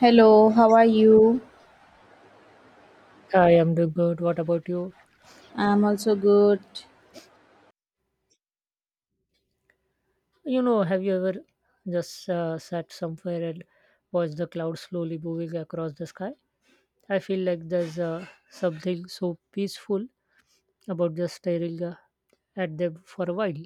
Hello, how are you? Hi, I'm doing good. What about you? I'm also good. Have you ever just sat somewhere and watched the clouds slowly moving across the sky? I feel like there's something so peaceful about just staring at them for a while.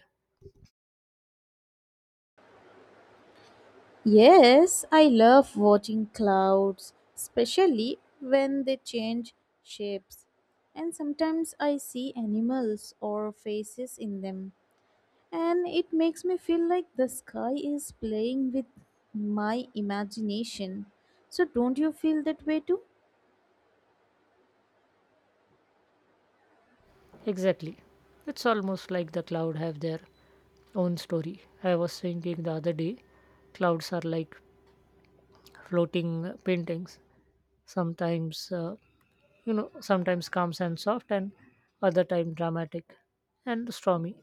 Yes, I love watching clouds, especially when they change shapes. And sometimes I see animals or faces in them, and it makes me feel like the sky is playing with my imagination. So, don't you feel that way too? Exactly. It's almost like the cloud have their own story. I was thinking the other day, clouds are like floating paintings. Sometimes uh, sometimes calm and soft, and other time dramatic and stormy.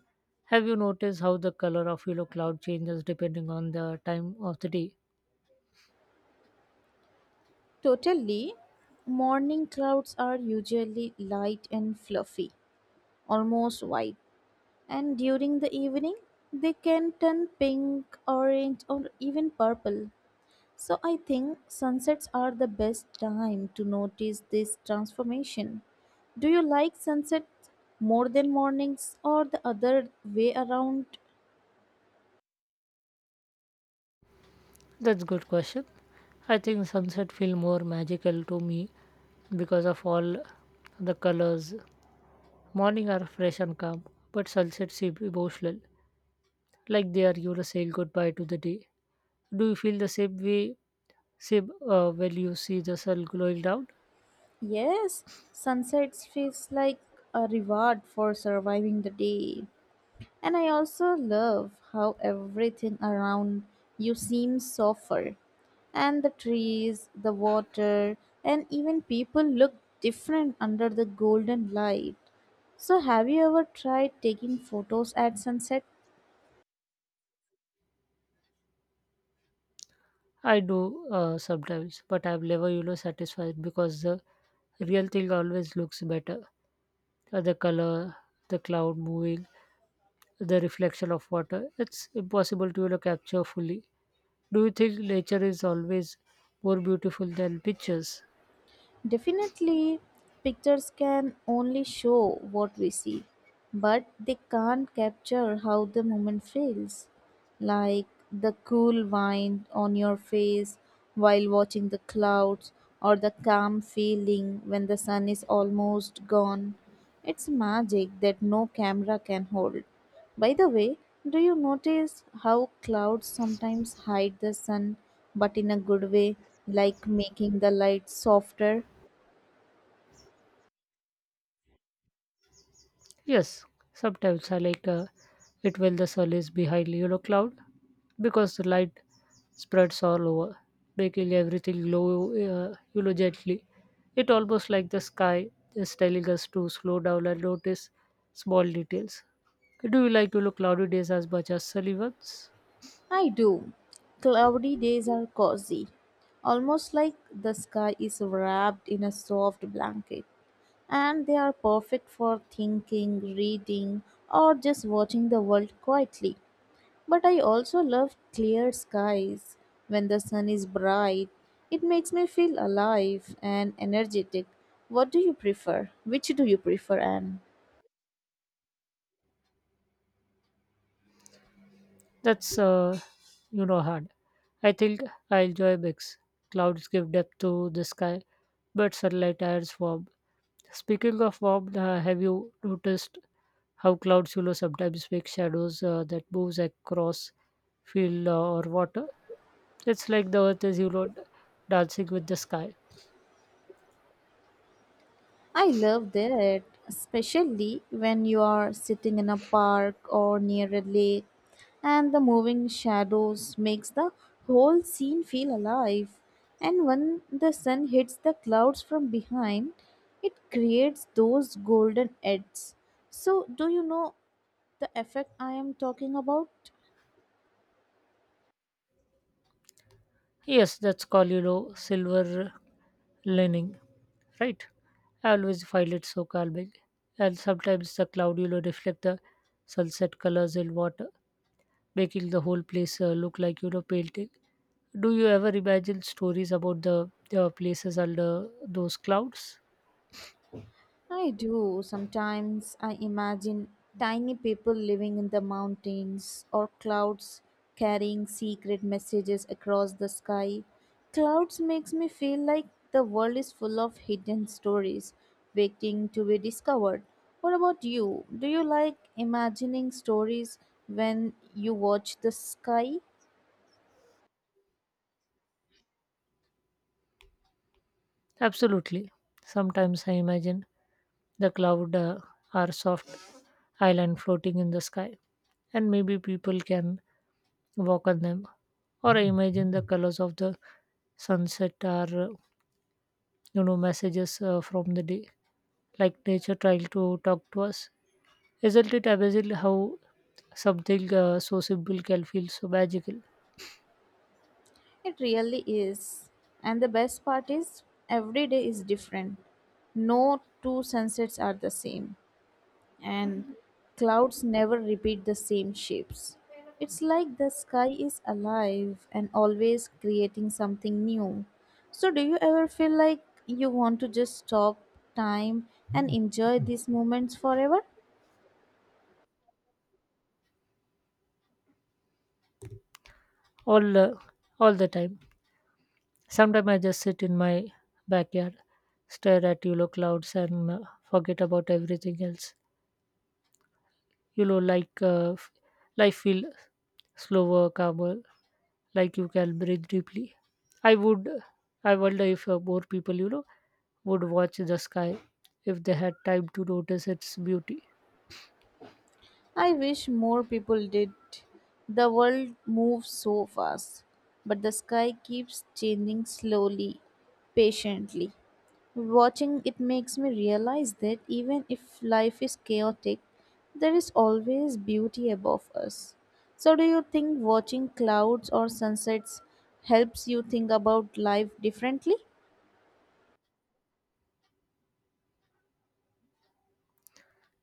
Have you noticed how the color of yellow cloud changes depending on the time of the day? Totally. Morning clouds are usually light and fluffy, almost white. And during the evening, they can turn pink, orange, or even purple. So I think sunsets are the best time to notice this transformation. Do you like sunsets more than mornings or the other way around? That's good question. I think sunset feel more magical to me because of all the colors. Morning are fresh and calm, but sunset seem emotional, like they are you to say goodbye to the day. Do you feel the same way, same when you see the sun going down? Yes, sunsets feels like a reward for surviving the day. And I also love how everything around you seems softer. And the trees, the water, and even people look different under the golden light. So, have you ever tried taking photos at sunset? I do sometimes, but I'm never, satisfied because the real thing always looks better. The color, the cloud moving, the reflection of water. It's impossible to, capture fully. Do you think nature is always more beautiful than pictures? Definitely, pictures can only show what we see, but they can't capture how the moment feels. Like the cool wind on your face while watching the clouds, or the calm feeling when the sun is almost gone. It's magic that no camera can hold. By the way, do you notice how clouds sometimes hide the sun but in a good way, like making the light softer? Yes, sometimes I like it when the sun is behind yellow cloud because the light spreads all over, making everything glow gently. It almost like the sky is telling us to slow down and notice small details. Do you like cloudy days as much as sunny ones? I do. Cloudy days are cozy, almost like the sky is wrapped in a soft blanket, and they are perfect for thinking, reading, or just watching the world quietly. But I also love clear skies. When the sun is bright, it makes me feel alive and energetic. What do you prefer? Which do you prefer, Anne? That's hard. I think I enjoy mix. Clouds give depth to the sky, but sunlight adds warmth. Speaking of warmth, have you noticed how clouds sometimes make shadows that moves across field or water? It's like the earth is dancing with the sky. I love that, especially when you are sitting in a park or near a lake and the moving shadows makes the whole scene feel alive. And when the sun hits the clouds from behind, it creates those golden edges. So, do you know the effect I am talking about? Yes, that's called, silver lining, right? I always find it so calming. And sometimes the cloud, reflect the sunset colors in water, making the whole place look like, painting. Do you ever imagine stories about the places under those clouds? I do. Sometimes I imagine tiny people living in the mountains or clouds carrying secret messages across the sky. Clouds makes me feel like the world is full of hidden stories waiting to be discovered. What about you? Do you like imagining stories when you watch the sky? Absolutely. Sometimes I imagine the cloud are soft island floating in the sky, and maybe people can walk on them. Or I imagine the colors of the sunset are, messages from the day, like nature trying to talk to us. Isn't it amazing how something so simple can feel so magical It really is. And the best part is every day is different. No two sunsets are the same, and clouds never repeat the same shapes. It's like the sky is alive and always creating something new. So, do you ever feel like you want to just stop time and enjoy these moments forever? all uh, all the time? Sometimes I just sit in my backyard, stare at yellow clouds, and forget about everything else. You know, like uh, f- Life feel slower, calmer, like you can breathe deeply. I would, I wonder if more people, would watch the sky if they had time to notice its beauty. I wish more people did. The world moves so fast, but the sky keeps changing slowly, patiently. Watching it makes me realize that even if life is chaotic, there is always beauty above us. So, do you think watching clouds or sunsets helps you think about life differently?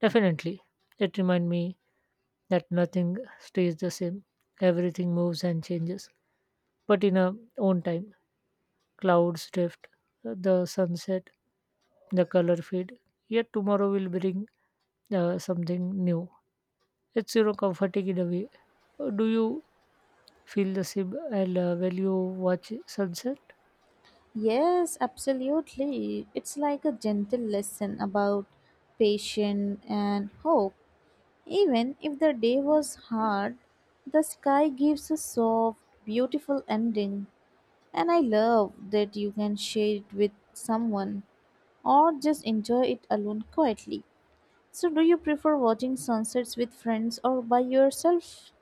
Definitely, it reminds me that nothing stays the same. Everything moves and changes, but in a own time. Clouds drift, the sunset the color fade, yet tomorrow will bring something new. It's comforting in a way. Do you feel the same? And when you watch sunset, Yes, absolutely. It's like a gentle lesson about patience and hope. Even if the day was hard, the sky gives a soft, beautiful ending. And I love that you can share it with someone, or just enjoy it alone quietly. So, do you prefer watching sunsets with friends or by yourself?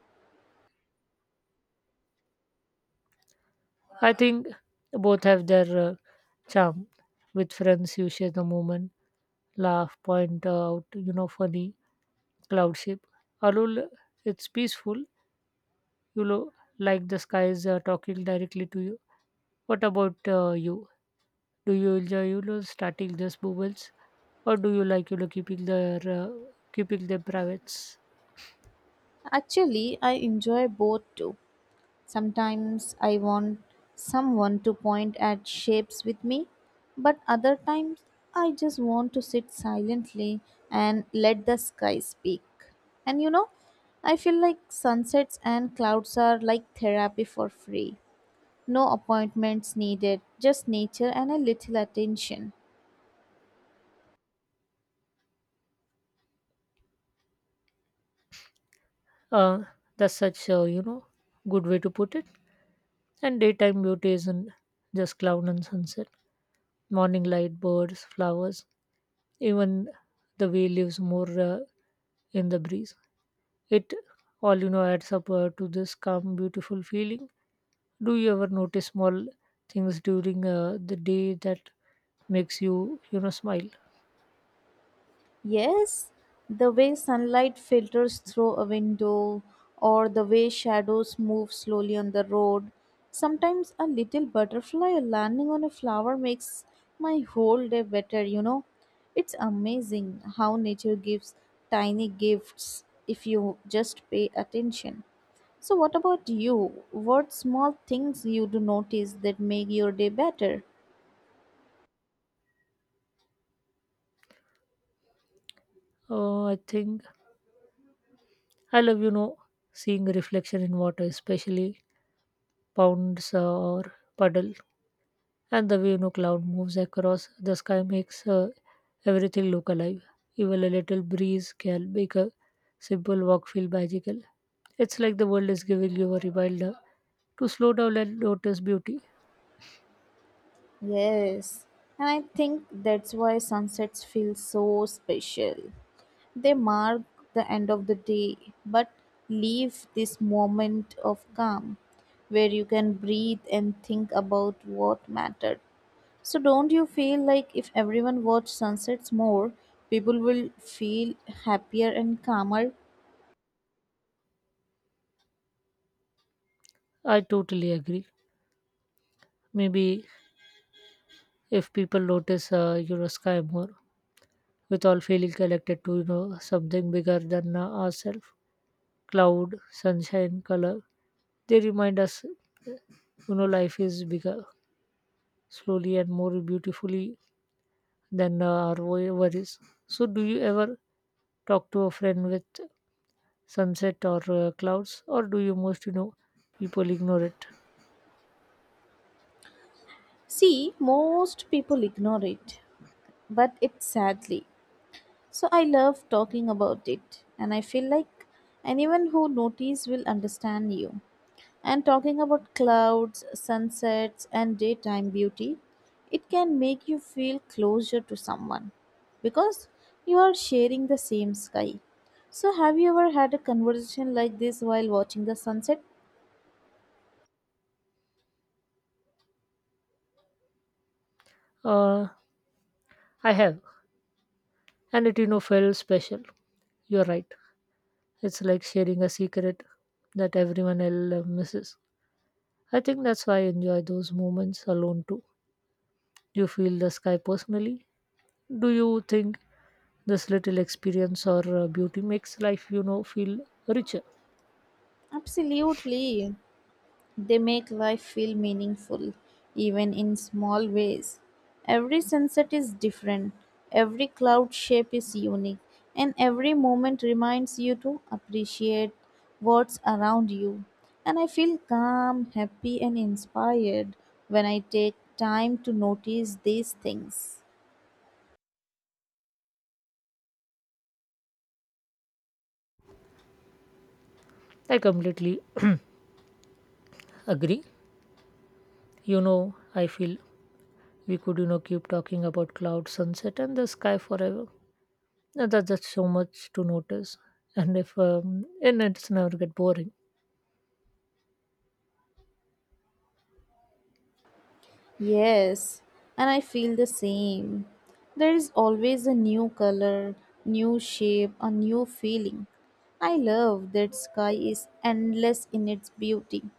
I think both have their charm. With friends, you share the moment, laugh, point out, funny cloud shape. Alone, it's peaceful. You know, like the sky is talking directly to you. What about you? Do you enjoy starting these moments, or do you like keeping them privates? Actually, I enjoy both too. Sometimes I want someone to point at shapes with me, but other times I just want to sit silently and let the sky speak. And you know, I feel like sunsets and clouds are like therapy for free. No appointments needed, just nature and a little attention. Uh, that's such a good way to put it. And daytime beauty isn't just cloud and sunset. Morning light, birds, flowers, even the way leaves more in the breeze. It all adds up to this calm, beautiful feeling. Do you ever notice small things during the day that makes you you know smile? Yes, the way sunlight filters through a window or the way shadows move slowly on the road. Sometimes a little butterfly landing on a flower makes my whole day better, you know. It's amazing how nature gives tiny gifts if you just pay attention. So, what about you? What small things you do notice that make your day better? I think I love, seeing the reflection in water, especially ponds or puddle, and the way cloud moves across the sky makes everything look alive. Even a little breeze can make a simple walk feel magical. It's like the world is giving you a reminder to slow down and notice beauty. Yes, and I think that's why sunsets feel so special. They mark the end of the day, but leave this moment of calm where you can breathe and think about what mattered. So, don't you feel like if everyone watched sunsets more, people will feel happier and calmer? I totally agree. Maybe if people notice, sky more, with all feeling connected to something bigger than ourselves, cloud, sunshine, color. They remind us, life is bigger, slowly and more beautifully than worries. So, do you ever talk to a friend with sunset or clouds, or do you most, people ignore it? See, most people ignore it, but it's sadly. So I love talking about it, and I feel like anyone who notices will understand you. And talking about clouds, sunsets, and daytime beauty, it can make you feel closer to someone because you are sharing the same sky. So, have you ever had a conversation like this while watching the sunset? Uh, I have, and it, felt special. You're right. It's like sharing a secret that everyone else misses. I think that's why I enjoy those moments alone too. You feel the sky personally? Do you think this little experience or beauty makes life feel richer? Absolutely. They make life feel meaningful, even in small ways. Every sunset is different, every cloud shape is unique, and every moment reminds you to appreciate what's around you. And I feel calm, happy, and inspired when I take time to notice these things. I completely agree. I feel we could keep talking about cloud sunset and the sky forever. Now, that's so much to notice, and if and it's never get boring. Yes, and I feel the same. There is always a new color, new shape, a new feeling. I love that sky is endless in its beauty,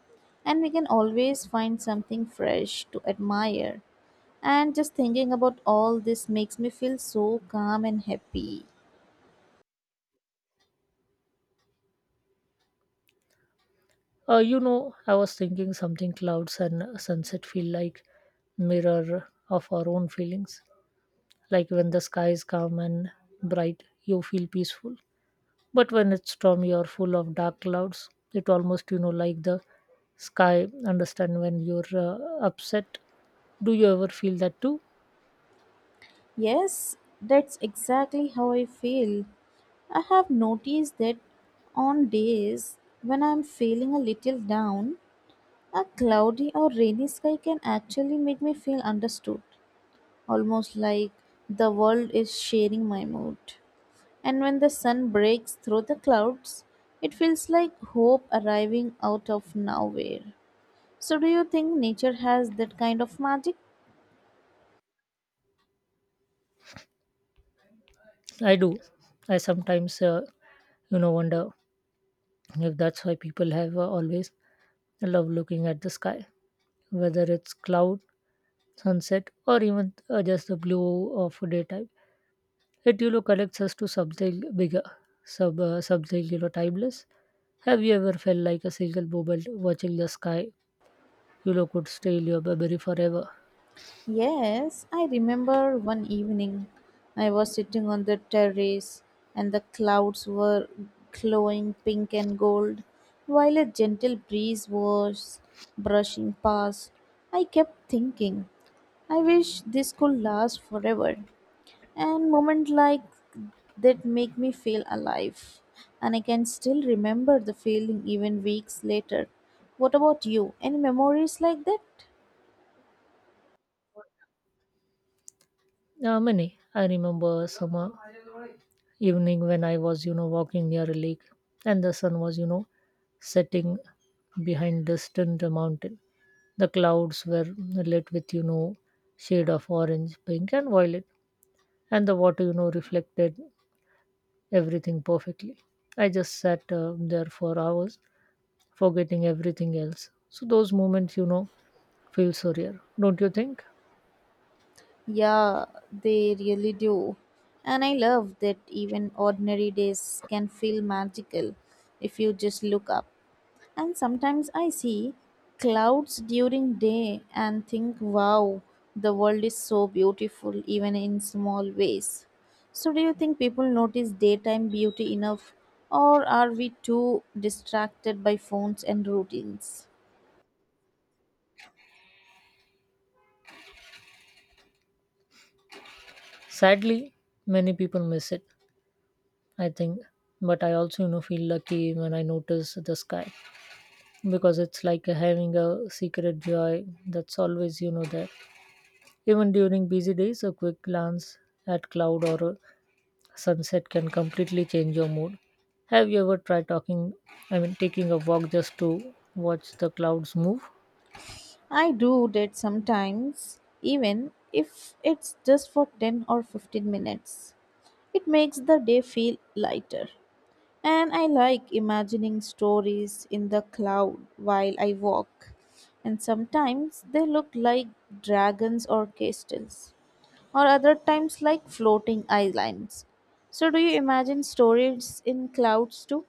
and we can always find something fresh to admire. And just thinking about all this makes me feel so calm and happy. I was thinking something: clouds and sunset feel like mirror of our own feelings, like when the sky is calm and bright you feel peaceful. But when it's stormy or full of dark clouds, it almost, like the sky understand when you're upset. Do you ever feel that too? Yes, that's exactly how I feel. I have noticed that on days when I'm feeling a little down, a cloudy or rainy sky can actually make me feel understood, almost like the world is sharing my mood. And when the sun breaks through the clouds, it feels like hope arriving out of nowhere. So, do you think nature has that kind of magic? I do. I sometimes, wonder if that's why people have always loved looking at the sky, whether it's cloud, sunset, or even just the blue of daytime. It, connects us to something bigger, something, timeless. Have you ever felt like a single moment watching the sky yellow could steal your baby forever? Yes, I remember one evening I was sitting on the terrace and the clouds were glowing pink and gold while a gentle breeze was brushing past. I kept thinking, I wish this could last forever. And moments like that make me feel alive. And I can still remember the feeling even weeks later. What about you? Any memories like that? Many. I remember summer evening when I was, walking near a lake and the sun was, setting behind distant mountain. The clouds were lit with, shade of orange, pink and violet, and the water, reflected everything perfectly. I just sat there for hours, forgetting everything else. So those moments, feel so rare, don't you think? Yeah, they really do. And I love that even ordinary days can feel magical if you just look up. And sometimes I see clouds during day and think, wow, the world is so beautiful even in small ways. So do you think people notice daytime beauty enough or are we too distracted by phones and routines? Sadly, many people miss it, I think. But I also, feel lucky when I notice the sky, because it's like having a secret joy that's always, there. Even during busy days, a quick glance at cloud or a sunset can completely change your mood. Have you ever tried talking? I mean, taking a walk just to watch the clouds move? I do that sometimes, even if it's just for 10 or 15 minutes. It makes the day feel lighter. And I like imagining stories in the cloud while I walk. And sometimes they look like dragons or castles, or other times like floating islands. So, do you imagine stories in clouds too?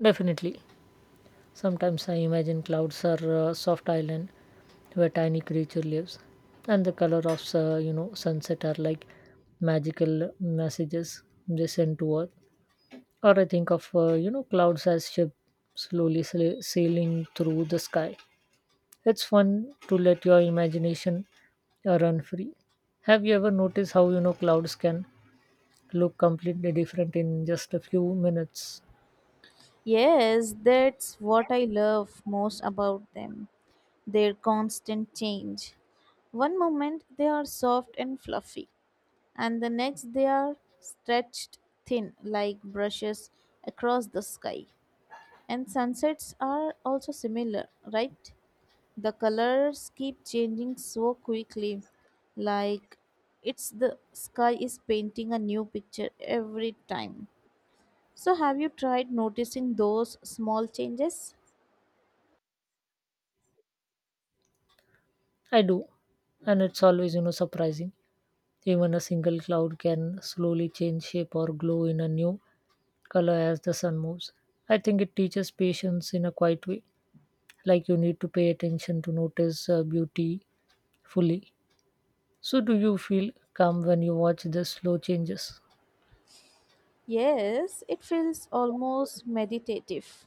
Definitely. Sometimes I imagine clouds are soft island where tiny creature lives, and the color of sunset are like magical messages they send to Earth. Or I think of clouds as ship sailing through the sky. It's fun to let your imagination run free. Have you ever noticed how clouds can look completely different in just a few minutes? Yes, that's what I love most about them, their constant change. One moment they are soft and fluffy, and the next they are stretched thin like brushes across the sky. And sunsets are also similar, right? The colors keep changing so quickly, like it's the sky is painting a new picture every time. So, have you tried noticing those small changes? I do, and it's always surprising. Even a single cloud can slowly change shape or glow in a new color as the sun moves. I think it teaches patience in a quiet way, like you need to pay attention to notice beauty fully. So, do you feel calm when you watch the slow changes? Yes, it feels almost meditative.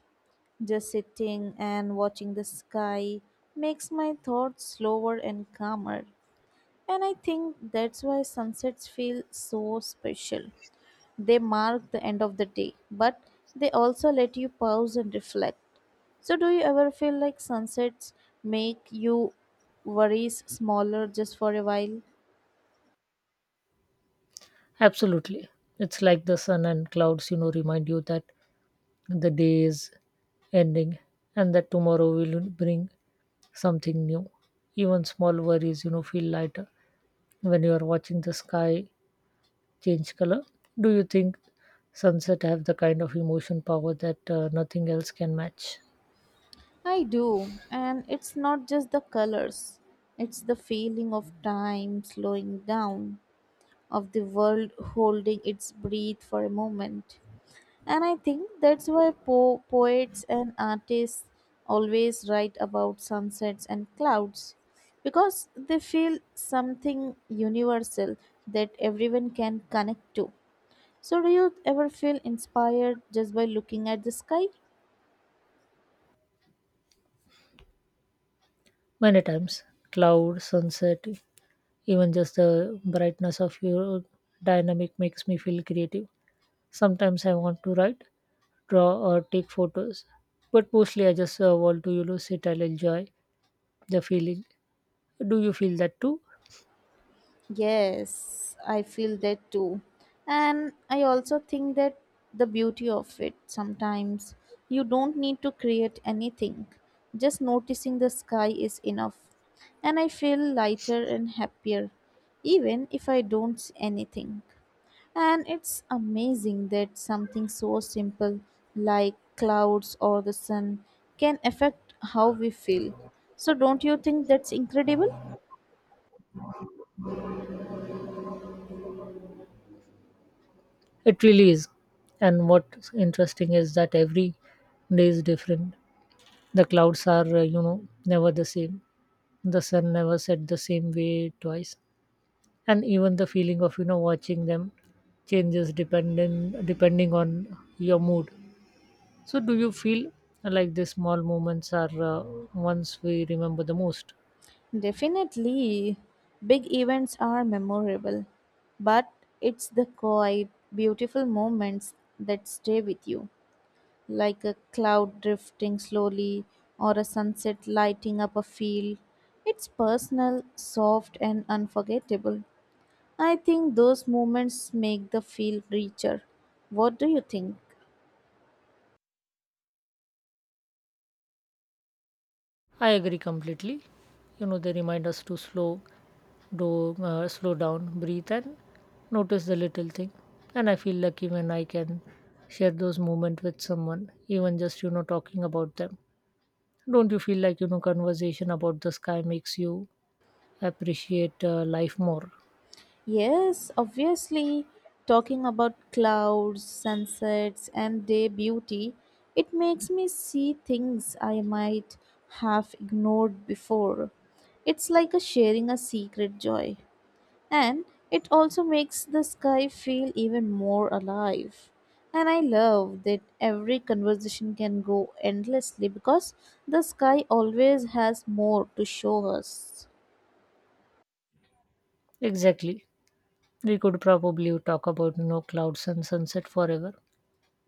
Just sitting and watching the sky makes my thoughts slower and calmer. And I think that's why sunsets feel so special. They mark the end of the day, but they also let you pause and reflect. So, do you ever feel like sunsets make you worries smaller just for a while? Absolutely. It's like the sun and clouds, remind you that the day is ending and that tomorrow will bring something new. Even small worries, feel lighter when you are watching the sky change color. Do you think sunset have the kind of emotion power that nothing else can match? I do, and it's not just the colors, it's the feeling of time slowing down, of the world holding its breath for a moment. And I think that's why poets and artists always write about sunsets and clouds because they feel something universal that everyone can connect to. So, do you ever feel inspired just by looking at the sky? Many times, cloud, sunset, even just the brightness of your dynamic makes me feel creative. Sometimes I want to write, draw, or take photos, but mostly I just want to sit and enjoy the feeling. Do you feel that too? Yes, I feel that too. And I also think that the beauty of it sometimes you don't need to create anything, just noticing the sky is enough. And I feel lighter and happier, even if I don't see anything. And it's amazing that something so simple like clouds or the sun can affect how we feel. So, don't you think that's incredible? It really is. And what's interesting is that every day is different. The clouds are, never the same. The sun never set the same way twice, and even the feeling of watching them changes depending on your mood. So, do you feel like these small moments are ones we remember the most? Definitely, big events are memorable, but it's the quiet, beautiful moments that stay with you, like a cloud drifting slowly or a sunset lighting up a field. It's personal, soft, and unforgettable. I think those moments make the feel richer. What do you think? I agree completely. You know, they remind us to slow down, breathe, and notice the little thing. And I feel lucky when I can share those moments with someone, even just talking about them. Don't you feel like, conversation about the sky makes you appreciate life more? Yes, obviously, talking about clouds, sunsets, and day beauty, it makes me see things I might have ignored before. It's like a sharing a secret joy. And it also makes the sky feel even more alive. And I love that every conversation can go endlessly because the sky always has more to show us. Exactly. We could probably talk about, clouds and sunset forever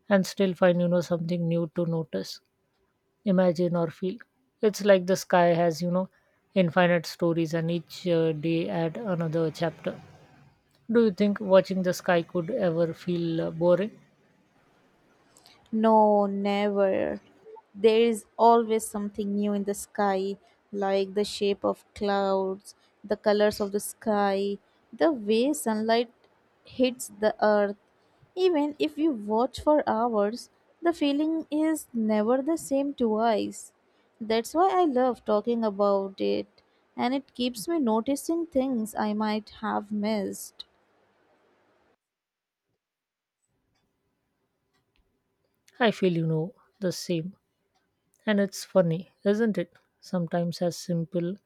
and still find, something new to notice, imagine, or feel. It's like the sky has, infinite stories and each day add another chapter. Do you think watching the sky could ever feel boring? No, never. There is always something new in the sky, like the shape of clouds, the colors of the sky, the way sunlight hits the earth. Even if you watch for hours, the feeling is never the same twice. That's why I love talking about it, and it keeps me noticing things I might have missed. I feel, the same. And it's funny, isn't it? Sometimes as simple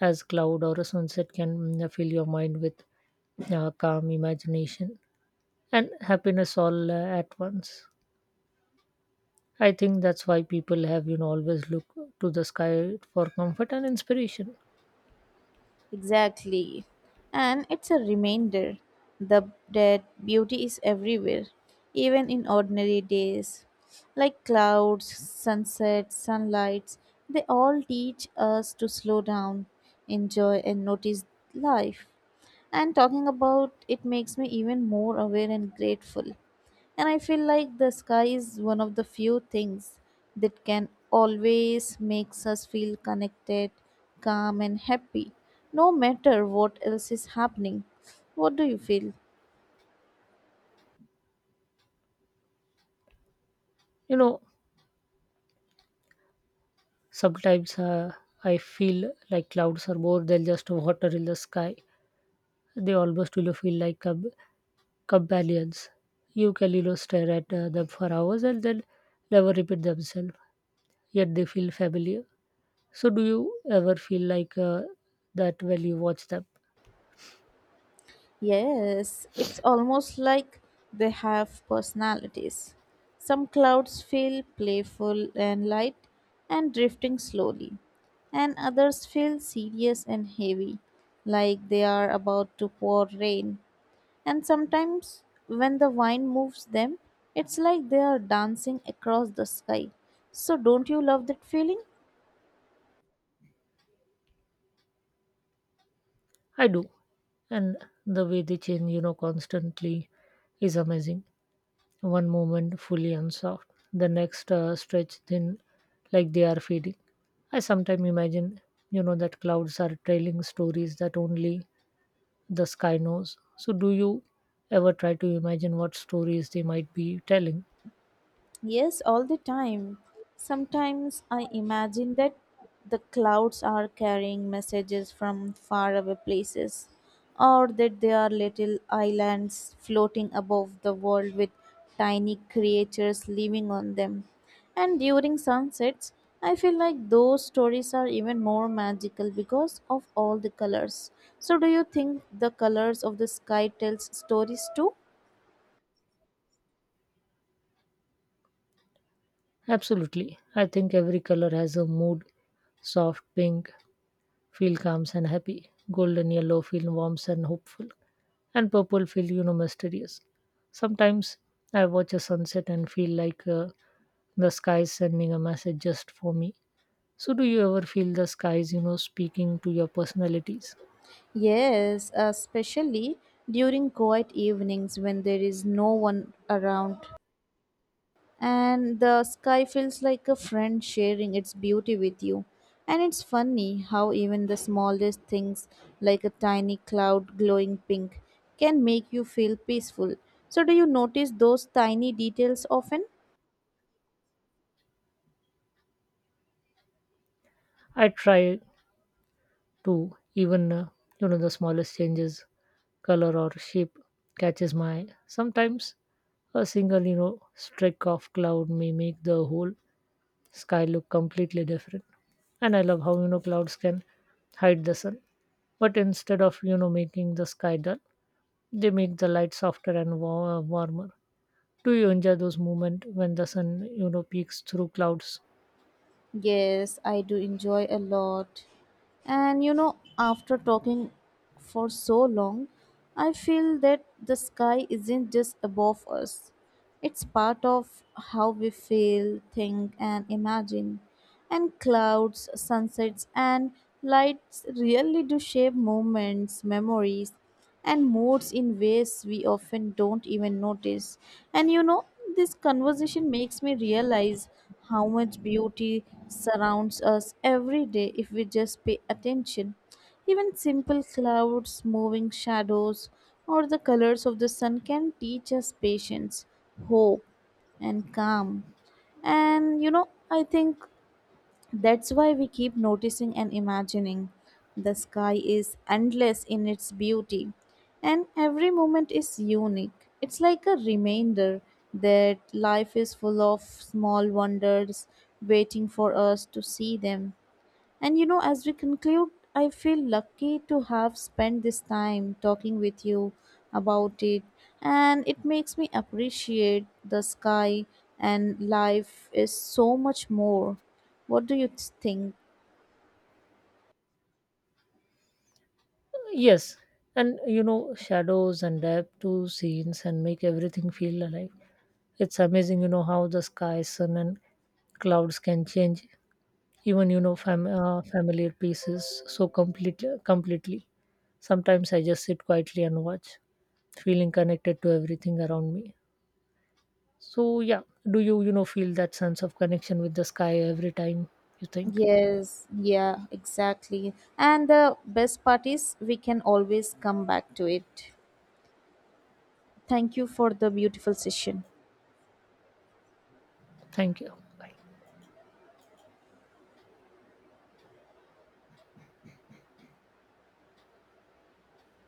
as cloud or a sunset can fill your mind with calm imagination and happiness all at once. I think that's why people have always look to the sky for comfort and inspiration. Exactly. And it's a reminder that beauty is everywhere, even in ordinary days. Like clouds, sunsets, sunlights, they all teach us to slow down, enjoy, and notice life. And talking about it makes me even more aware and grateful. And I feel like the sky is one of the few things that can always makes us feel connected, calm and happy, no matter what else is happening. What do you feel? You know, sometimes I feel like clouds are more than just water in the sky. They almost will feel like companions. You can stare at them for hours and they'll never repeat themselves, yet they feel familiar. So, do you ever feel like that when you watch them? Yes, it's almost like they have personalities. Some clouds feel playful and light and drifting slowly, and others feel serious and heavy, like they are about to pour rain. And sometimes when the wind moves them, it's like they are dancing across the sky. So, don't you love that feeling? I do, and the way they change, constantly is amazing. One moment fully and soft, the next stretch thin, like they are fading. I sometimes imagine, that clouds are trailing stories that only the sky knows. So, do you ever try to imagine what stories they might be telling? Yes, all the time. Sometimes I imagine that the clouds are carrying messages from faraway places, or that they are little islands floating above the world with tiny creatures living on them. And during sunsets, I feel like those stories are even more magical because of all the colors. So, do you think the colors of the sky tells stories too? Absolutely. I think every color has a mood. Soft pink feel calms and happy. Golden yellow feel warm and hopeful. And purple feel, mysterious. Sometimes I watch a sunset and feel like the sky is sending a message just for me. So, do you ever feel the skies, speaking to your personalities? Yes, especially during quiet evenings when there is no one around and the sky feels like a friend sharing its beauty with you. And it's funny how even the smallest things, like a tiny cloud glowing pink, can make you feel peaceful. So, do you notice those tiny details often? I try to, even, the smallest changes, color or shape catches my eye. Sometimes a single, streak of cloud may make the whole sky look completely different. And I love how clouds can hide the sun, but instead of making the sky dull, they make the light softer and warmer. Do you enjoy those moments when the sun peeks through clouds? Yes, I do enjoy a lot. And you know, after talking for so long, I feel that the sky isn't just above us. It's part of how we feel, think, and imagine. And clouds, sunsets, and lights really do shape moments, memories, and moods in ways we often don't even notice. And you know, this conversation makes me realize how much beauty surrounds us every day if we just pay attention. Even simple clouds, moving shadows, or the colors of the sun can teach us patience, hope, and calm. And you know, I think that's why we keep noticing and imagining. The sky is endless in its beauty, and every moment is unique. It's like a reminder that life is full of small wonders waiting for us to see them. And you know, as we conclude, I feel lucky to have spent this time talking with you about it, and it makes me appreciate the sky and life is so much more. What do you think? Yes, and shadows and depth to scenes and make everything feel alive. It's amazing how the sky, sun and clouds can change even familiar pieces so completely. Sometimes I just sit quietly and watch, feeling connected to everything around me. So yeah, do you you know feel that sense of connection with the sky every time you think? Yes, yeah, exactly. And the best part is we can always come back to it. Thank you for the beautiful session. Thank you. Bye.